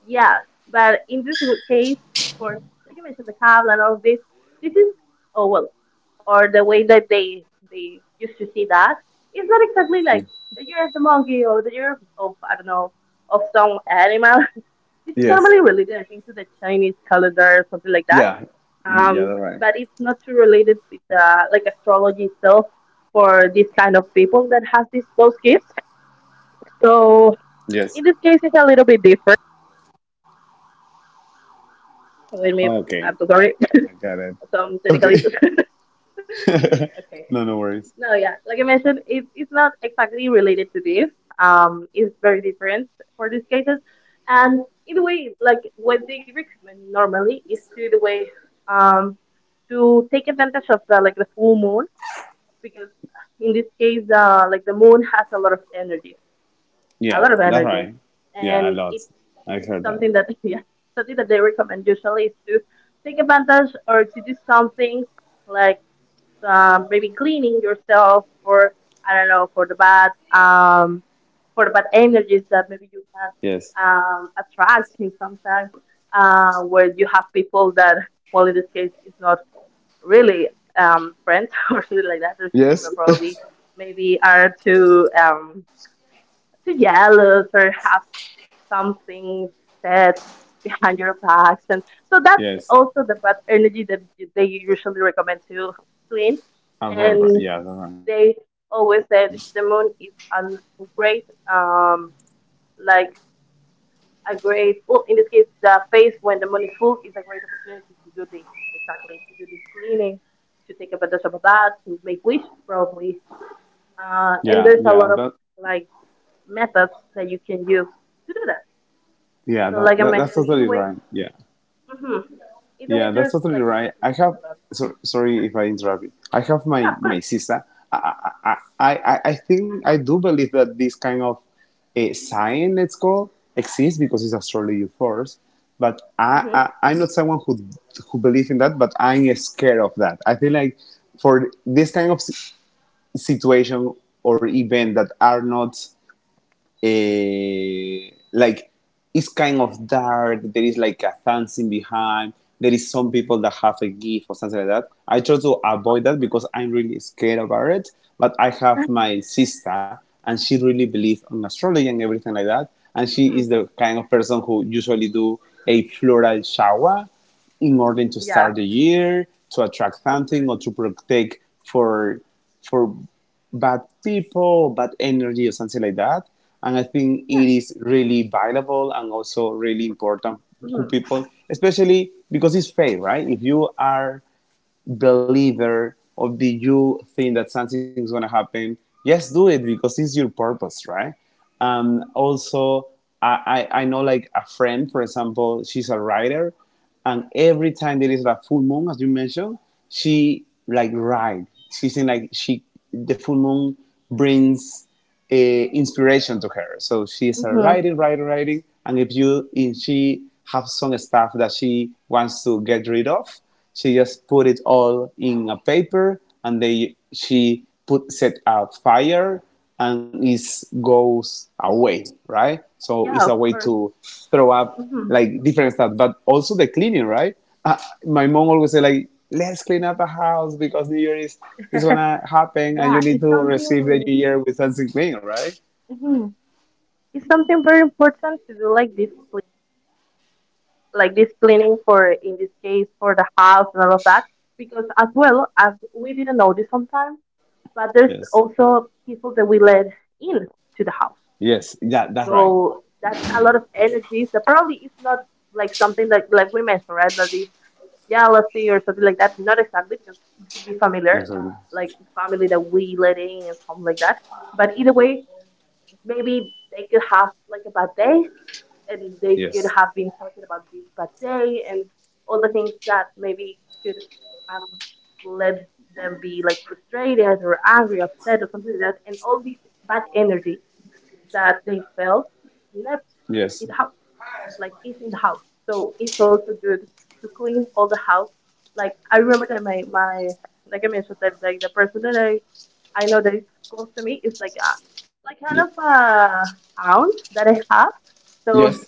yeah, but in this case, for like you mentioned the cable and all of this, this is oh well, or the way that they used to see that it's not exactly Yeah. like the year of the monkey or the year of I don't know of some animal. This is Yes. normally related, I think, to the Chinese calendar or something like that Yeah. Yeah. um, That's right. but it's not too related with like astrology itself for this kind of people that has these those gifts. So Yes. in this case, it's a little bit different. Let me. Okay. I'm so sorry. I got it. Some Okay. technical issues. Okay. No, no worries. No, yeah. Like I mentioned, it, it's not exactly related to this. It's very different for these cases. And in a way, like what they recommend normally is to the way um to take advantage of the like the full moon because in this case the like the moon has a lot of energies a Yeah. lot of That's energies right. Yeah. A and lot. it's I heard that. something that yeah something that they recommend usually is to take advantage or to do something like maybe cleaning yourself or I don't know for the bad energies that maybe you can Yes. Attract in sometimes where you have people that well in this case is not really friends or something like that. There's people that Yes. probably maybe are too jealous or have something said behind your backs, and so that's Yes. also the bad energy that they usually recommend to clean. I'm probably right. And Yeah. That's right. they always said the moon is great um, like a great, well, in this case, the phase when the moon is full is a great opportunity to do this, exactly, to do this cleaning, to take advantage of that, to make wish probably. Uh, Yeah. and there's Yeah. a lot That. of like methods that you can use to do that. Yeah. So, like I That's mentioned, totally either way, right. Yeah. hmm either Yeah, way, that's there's totally like I right. mentioned, I there's have. a lot. So, sorry if I interrupt you. I have Yeah, of course. my sister. I think I do believe that this kind of a sign, let's call, exists because it's astrology first. But I Hmm. I'm not someone who believes in that, but I'm scared of that. I feel like for this kind of situation or event that are not uh, like it's kind of dark. There is like a dancing behind. There is some people that have a gift or something like that. I try to Of avoid that course. because I'm really scared about it. But I have my sister, and she really believes on astrology and everything like that. And she Hmm. is the kind of person who usually do a floral shower in order to Yeah, start the year, to attract of something, course. or to protect for for bad people, bad energy, or something like that. And I think Yeah. it is really valuable and also really important Hmm. who people, especially because it's fair, right? If you are believer or do you think that something's going to happen, just do it because it's your purpose, right? Also, I know, like, a friend, for example. She's a writer, and every time there is a full moon, as you mentioned, she like ride she's in like she the full moon brings inspiration to her. So she started Hmm. writing, writing, writing, and if she have some stuff that she wants to get rid of, she just put it all in a paper, and they she put set a fire and it goes away, right? So it's Yeah, a way of course. to throw up Hmm. like different stuff, but also the cleaning, right? Uh, my mom always say, like, let's clean up the house because New Year is gonna happen and yeah, you need it's to receive the something. New Year with something clean, right? Mhm. It's something very important to do like this cleaning for, in this case, for the house and all of that. Because as well as we didn't notice sometimes, but there's Yes. also people that we let in to the house. Yes. Yeah, that's right. So that's a lot of energy. So probably it's not like something that, like we mentioned, right? That is jealousy or something like that. Not exactly because it could be familiar, Exactly. like family that we let in and something like that. But either way, maybe they could have like a bad day and they could Yes. have been talking about this bad day and all the things that maybe could um, let them be like frustrated or angry, upset or something like that. And all this bad energy that they felt left Yes. in the house, like it's in the house. So it's also good to clean all the house. Like I remember that my like I mentioned that like the person that I know that is close to me is Ye- like kind of a hound that I have. Yes. So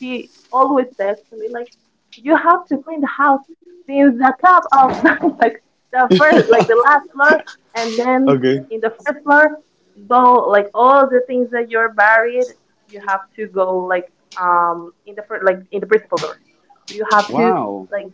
she always says to me like you have to clean the house since the top of the, like the first like the last floor and then Okay. in the first floor go like all the things that you're buried you have to go like in the first like in the principal door so you have to Wow. like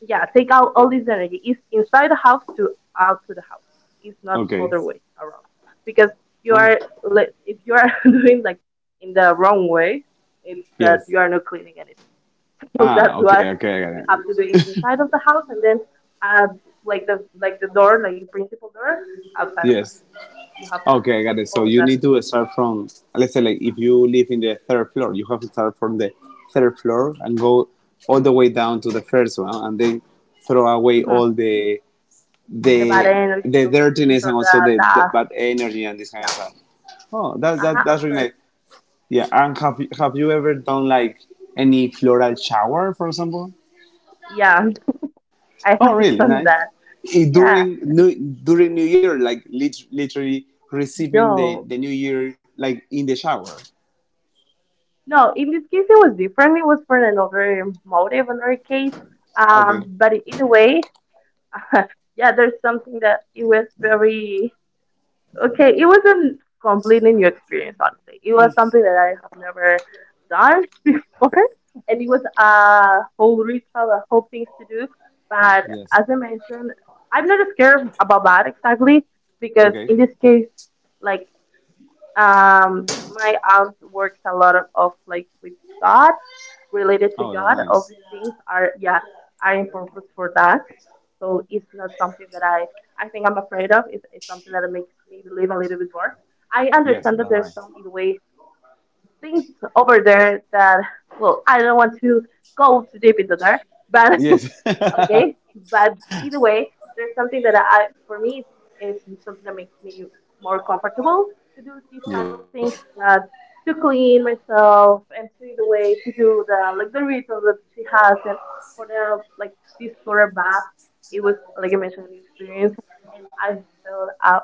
yeah take out all this energy it's inside the house to out to the house it's not Okay. other way around because you Wow. are like if you are doing like in the wrong way it's that Yes. you are not cleaning anything. So Ah, that's why okay, okay, I got you have to it. do it inside of the house and then add like the door, like your principal door, outside of that. Yes. You have to Okay, I got take it. So all of you that. need to start from, let's say, like if you live in the third floor, you have to start from the third floor and go all the way down to the first one, and then throw away Hmm. all The bad the energies the all the things dirtiness or and also the the dust. bad energy and this kind of Yeah. stuff. Oh, Uh-huh, of that's really course. nice. Yeah, and have you ever done like any floral shower, for example? Yeah, I Oh, have really done nice. that. Yeah. During New Year, like literally receiving No. the New Year like in the shower. No, in this case it was different. It was for another motive, another case. Okay. But either way, yeah, there's something that it was very okay, it wasn't completely new experience, honestly. It was something that I have never done before, and it was a whole ritual, a whole things to do. But Yes. as I mentioned, I'm not scared about that exactly because Okay. in this case, like my aunt works a lot of like with God, related to Oh, that's God. All nice. these things are in purpose for that. So it's not something that I think I'm afraid of. It's something that makes me believe a little bit more. I Yes, understand that that's there's some right. in the way things over there that well I don't want to go too deep into there, but Yes. okay but either way there's something that I for me is something that makes me more comfortable to do these type Yes. of things uh, to clean myself and to the way to do the rituals that she has and for the like this floral bath it was like I mentioned an experience and I felt a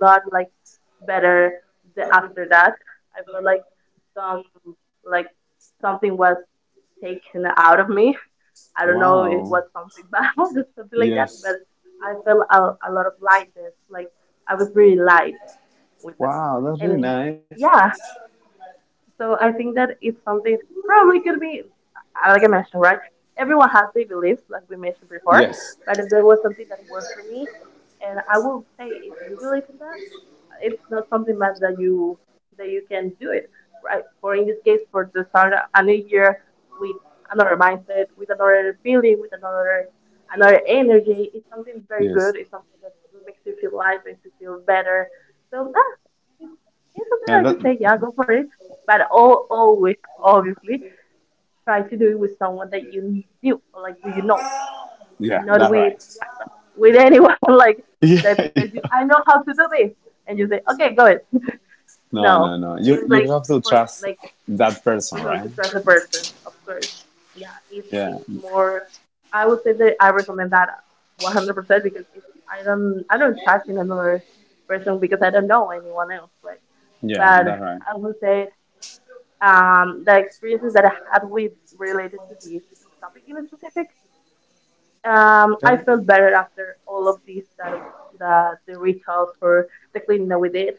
lot like better the, after that I felt like some like something was taken out of me. I don't know if it Wow. was something bad or something like that, Yes. but I felt a lot of lightness. Like I was really light with that. Wow, that's really And nice. yeah, so I think that it's something probably could be, like I mentioned, right? Everyone has their beliefs, like we mentioned before, Yes. but if there was something that worked for me, and I will say, if you believe in that, it's not something that, that you can do it right for in this case for to start a new year with another mindset with another feeling with another energy. It's something very Yes. good. It's something that makes you feel light makes you feel better. So it's, it's something Yeah, I that could say yeah go for it but all always obviously try to do it with someone that you knew or like do you know yeah, not that's with right. with anyone like Yeah, that says yeah. you I know how to do this and you say okay go it. No, no, No, no. It's You like have to for trust like that person, mhm, to right? trust the person, of course. Yeah, it's Yeah. it's more. I would say that I recommend that 100% because I don't trust in another person because I don't know anyone else, right? Yeah, But that's right. I would say the experiences that I had with related to this topic in specific, I Yeah. felt better after all of these that the rituals for the cleaning that we did.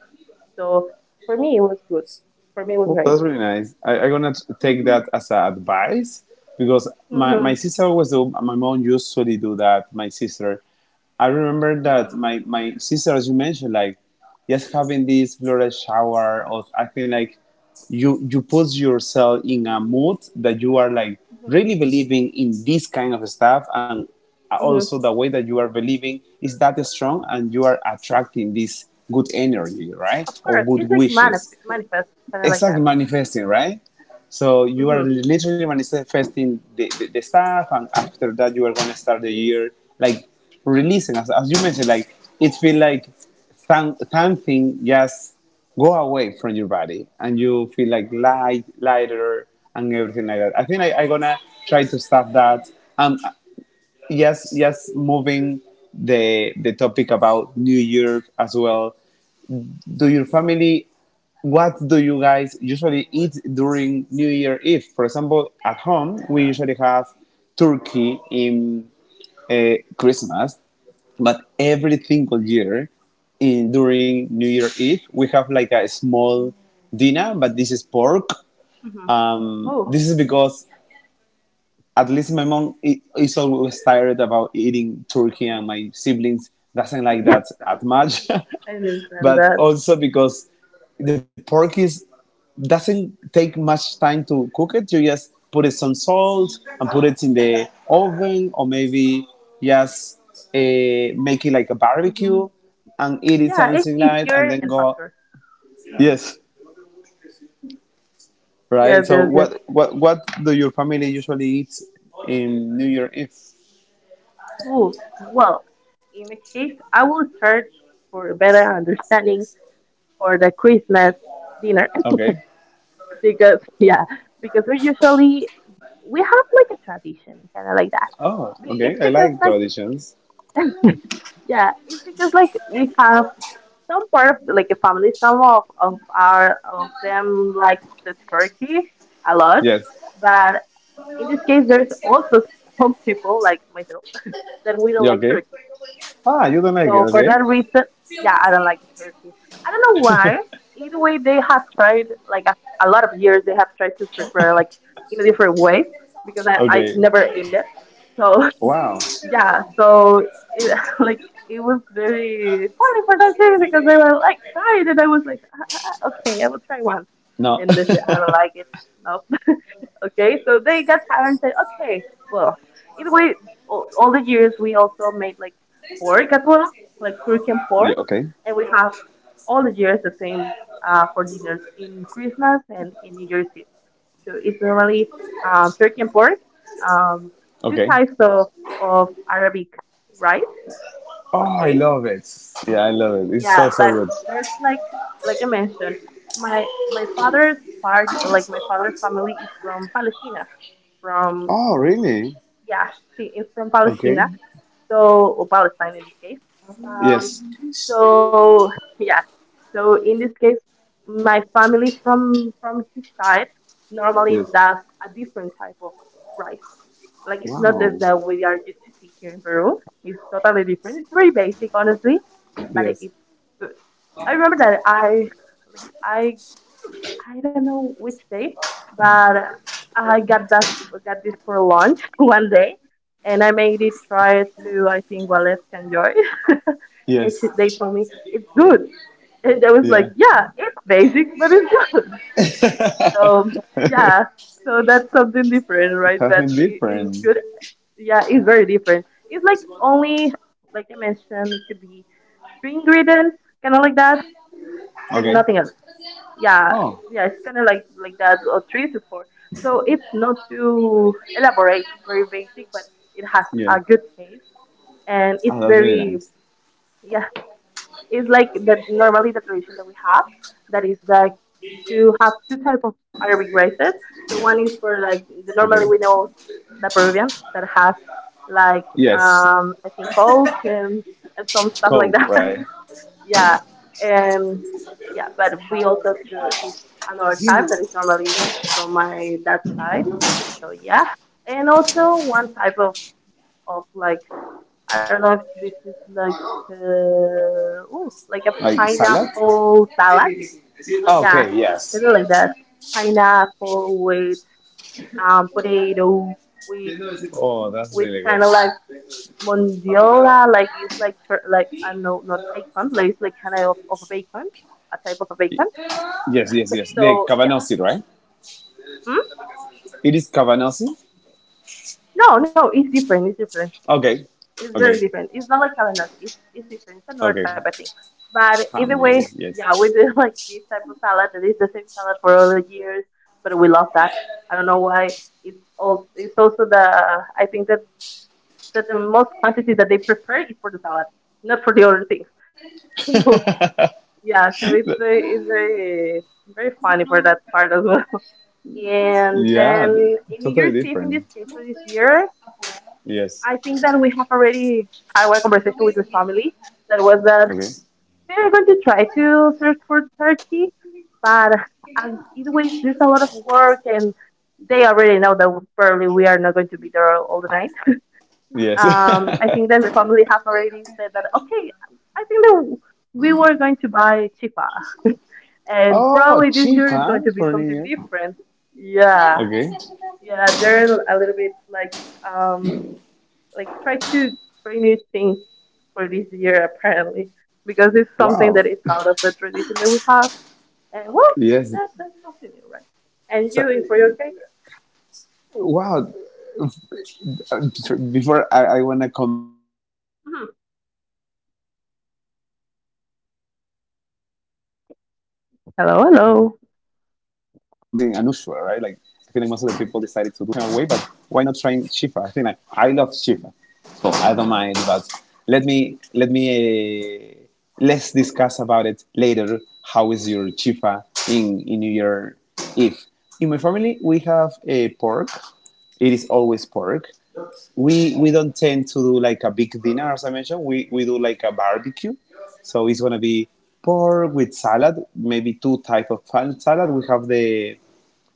So for me, it was good. For me, it was Oh, great. that's really nice. I'm gonna take Mhm, that as a advice because my mhm, sister always do. My mom usually do that. My sister, I remember that mhm, my sister, as you mentioned, like, just having this floral shower. Or I think, like, you put yourself in a mood that you are, like, mhm, really believing in this kind of stuff, and mhm. also the way that you are believing is that strong, and you are attracting this good energy, Of right, or course, it's good like wishes manifest, kind of like exactly, that. manifesting, right? So you are Hmm. literally manifesting the stuff, and after that, you are going to start the year like releasing, as you mentioned. Like, it feel like some, something just go away from your body, and you feel like light, lighter, and everything like that. I think I'm gonna try to stop that. Um, yes, yes, moving the topic about New Year as well. Do your family, what do you guys usually eat during New Year Eve? For example, at home, we usually have turkey in Christmas, but every single year in, during New Year Eve, we have like a small dinner, but this is pork. Hmm. Oh, This is because at least my mom is always tired about eating turkey and my siblings doesn't like yes, that as much. I understand But that. also because the pork is doesn't take much time to cook it. You just put it some salt and put it in the oven, or maybe just make it like a Hmm. barbecue and eat it Yeah, if something if like that, you're and then an go. factor. Hmm. Yes, right. Yes, So yes, yes. What do your family usually eat in New Year Eve? Oh, well, in the case, I will start for a better understanding for the Christmas dinner Okay. because yeah, because we usually we have like a tradition, kind of like that. Oh, okay. It's I because like like traditions. yeah, it's because like we have some part of like a family, some of them like the turkey a lot, Yes. but in this case there's also some people like myself that we don't You like okay? turkey. Ah, you don't like it. So for Okay. that reason, yeah, I don't like turkey. I don't know why. Either way, they have tried like a lot of years. They have tried to prepare like in a different way because I Okay. I never ate it. So Wow. yeah, so it like it was very funny for that day because they were like, try it, and I was like, okay, I will try once, No. and they said, I don't like it. No, okay, so they got tired and said, okay, well, either way, all the years we also made like pork as well, like Turkian Yeah, pork, okay. and we have all the years the same for dinners in Christmas and in New Year's Eve. So it's normally turkey and pork, um, two Okay. types of Arabic rice. Oh, I Okay, love it. Yeah, I love it. It's yeah, so so but good. there's like I mentioned, my father's part, like my father's family is from Palestina, from Oh, really? yeah, see, it's from Palestina, Okay. so or Palestine in this case. Um, Yes. so yeah, so in this case, my family from his side normally Yes. does a different type of rice. Like it's not just Wow. that we are just sick here in Peru. It's totally different. It's very basic, honestly, but it's Yes. good. I remember that I like I don't know which day, but I got that got this for lunch one day, and I made it try to I think Wales can Joy, and she, they Yes. told me it's good, and I was Yeah. like, yeah, it's basic, but it's good. So yeah, so that's something different, right? Something But it, different. it's good. Yeah, it's very different. It's like only, like I mentioned, it could be three ingredients, kind of like that, and Okay. nothing else. Yeah, Oh. yeah, it's kind of like that, or three to four. So it's not too elaborate. It's very basic, but it has Yeah. a good taste, and it's Oh, that's really very, nice. yeah. Is like the normally the tradition that we have that is like to have two types of Arabic races. So one is for like Okay. the, normally we know the Peruvian that has like Yes. I think Coke and some stuff Coke, like that. right? Yeah. And yeah, but we also do this another type that is normally from my dad's side. So yeah, and also one type of like I don't know if this is like uh, ooh, like a Like salad? pineapple salad. Ah, Yeah, okay, yes. something like that. Pineapple with potato with Oh, that's really kind good. of like mondiola, like it's like like I don't know, not bacon, like it's like kind of bacon, a type of a Y- bacon. Yes, yes, yes. The So yeah, cabanossi, right? mm? It is cabanossi? No, no, it's different. It's different. Okay, It's okay, very different. It's not like calamari. It's different. It's another okay. type, I think. But Ah, either maybe, way, yeah, we yes. do like this type of salad that is the same salad for all the years. But we love that. I don't know why. It's also the I think that the most quantity that they prepare is for the salad, not for the other things. So yeah, so it's very it's very funny for that part as well. And Yeah, th- then in New Totally Year's Eve, in different. this case for this year, Yes. I think that we have already had one conversation with your family that was that Okay. we are going to try to search for Turkey, but as either way, there's a lot of work, and they already know that probably we are not going to be there all the night. Yes. I think that my family have already said that okay, I think that we were going to buy chifa, and Oh, probably this chief, year is huh? going to be For New something Year. different. Yeah, Okay. yeah, they're a little bit um like try to try new things for this year apparently because it's something Wow. that is out of the tradition that we have and well Yes. that, that's something new, right? And So, you in for your cake. wow, before, I want to comment, like, Mhm. eating chifa for New Year, like, is something unusual, right? Like, I feel like most of the people Hello, decided to hello. do something and go with the traditional way, but why not trying chifa? I think, like, I love chifa, so I don't mind. But let me let's discuss about it later. How is your chifa in New Year Eve? In my family, we have a pork. It is always pork, we don't tend to do like a big dinner. As I mentioned, we do like a barbecue, so it's gonna be pork with salad, maybe two type of salad. We have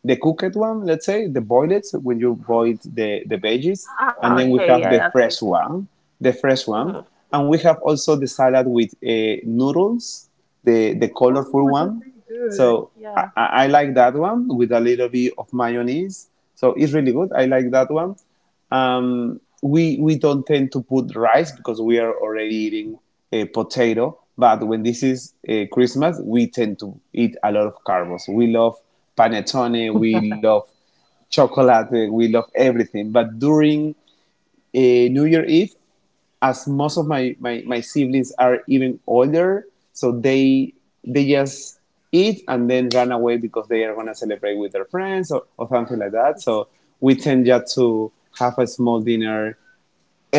the cooked one, let's say, the boiled when you boil the veggies, Ah, and then we okay, yeah, have yeah, the okay. fresh one, the fresh Hmm. one, and we have also the salad with noodles, the Oh, colorful that's one. really good, So yeah. I like that one with a little bit of mayonnaise, so it's really good. I like that one. We don't tend to put rice because we are already eating potato. But when this is Christmas, we tend to eat a lot of carbs. We love panettone, we love chocolate, we love everything. But during New Year Eve, as most of my siblings are even older, so they just eat and then run away because they are gonna celebrate with their friends or something like that. So we tend just to have a small dinner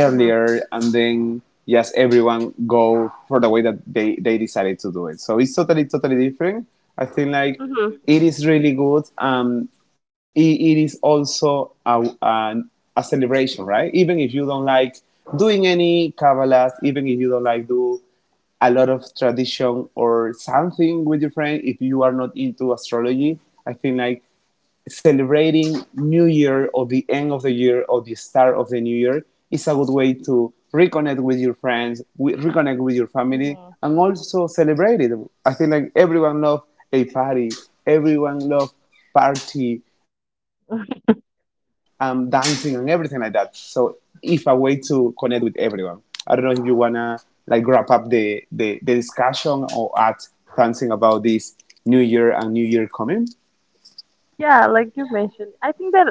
Hmm. and then just everyone go for the way that they decided to do it. So it's totally, totally different. I think like Hmm. it is really good. It is also a celebration, right? Even if you don't like doing any Kabbalah, even if you don't like do a lot of tradition or something with your friend, if you are not into astrology, I think, like, celebrating New Year or the end of the year or the start of the new year is a good way to reconnect with your friends, reconnect with your family, Hmm. and also celebrate it. I feel like everyone loves a party, everyone loves party, dancing, and everything like that. So it's a way to connect with everyone. I don't know if you wanna, like, wrap up the discussion or add something about this New Year and New Year coming. Yeah, like you mentioned, I think that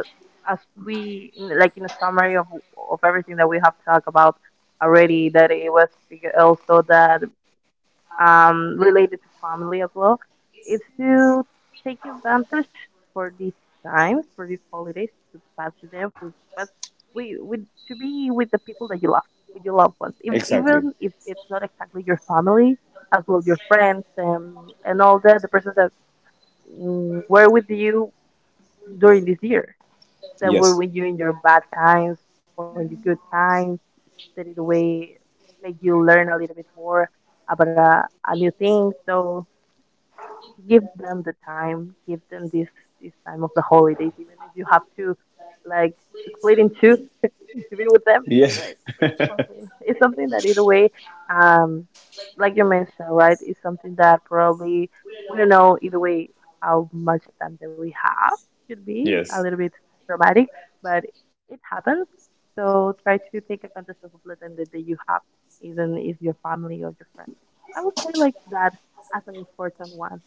as we in, like in a summary of everything that we have talked about already, that it was also that related to family as well, is to take advantage for these times, for these holidays, to pass with them, to pass we with to be with the people that you love, with your loved ones, Exactly. even if it's not exactly your family, as well your friends, and all that, the persons that were with you during this year, that were Yes. with you in your bad times or in the good times, that in a way make you learn a little bit more about a new thing. So give them the time, give them this time of the holidays, even if you have to like split in two to be with them, do Yes. it. It's something that either way, um like you mentioned, right, it's something that probably we don't know either way how much time that we have. Could be a Yes. little bit dramatic, but it happens. So try to take advantage of the time that you have, even if your family or your friends. I would say like that as an important one.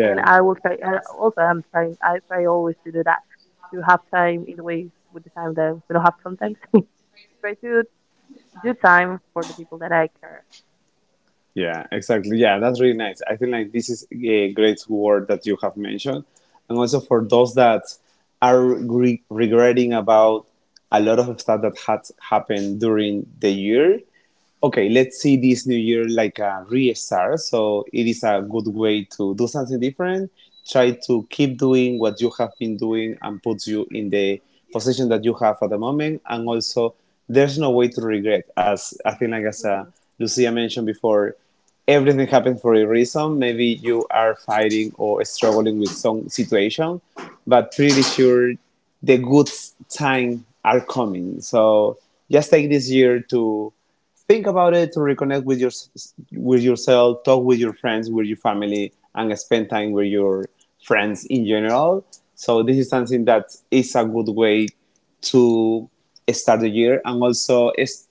And I will try. I also, I'm trying. I try always to do that, to have time in the way with the time that we don't have sometimes. Try to do time for the people that I care. Yeah, exactly. Yeah, that's really nice. I feel like this is a great word that you have mentioned. And also for those that are regretting about a lot of stuff that had happened during the year, Mhm. okay, let's see this new year like a restart. So it is a good Mhm. way to do something different. Try to keep doing what you have been doing and puts you in the position that you have at the moment. And Mhm. also, there's no way to regret. As I think, like, as Mhm. Lucia mentioned before, everything happens for a reason. Maybe you are fighting or struggling with some situation, but pretty sure the good time are coming. So just take this year to think about it, to reconnect with your with yourself, talk with your friends, with your family, and spend time with your friends in general. So this is something that is a good way to start the year, and also is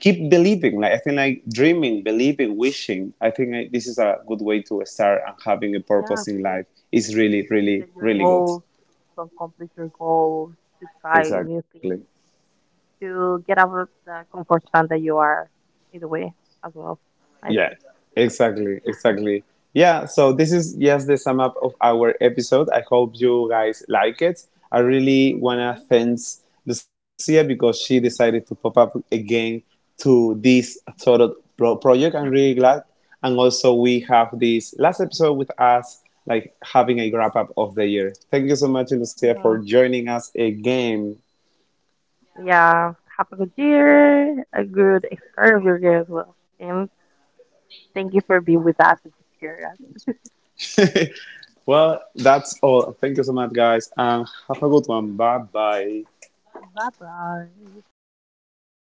keep believing. Like, I think, like, dreaming, believing, wishing, I think like, this is a good way to start, and having a Yeah, purpose of in course, life is really, to really, set your really good, goals, to complete your goals, to try new exactly. things, to get out of the comfort zone that you are, either way, as well. I Yeah, think. exactly, exactly. Yeah, so this is just the sum up of our episode. I hope you guys like it. I really wanna Mhm. thank Lucia because she decided to pop up again to this sort of project. I'm really glad. And also we have this last episode with us, like having a wrap up of the year. Thank you so much, Lucia, for Mhm. joining us again. Yeah, have a good year, a good start of your year as well. And thank you for being with us and to cheer us. Well, that's all. Thank you so much, guys, and have a good one. Bye bye. Bye bye.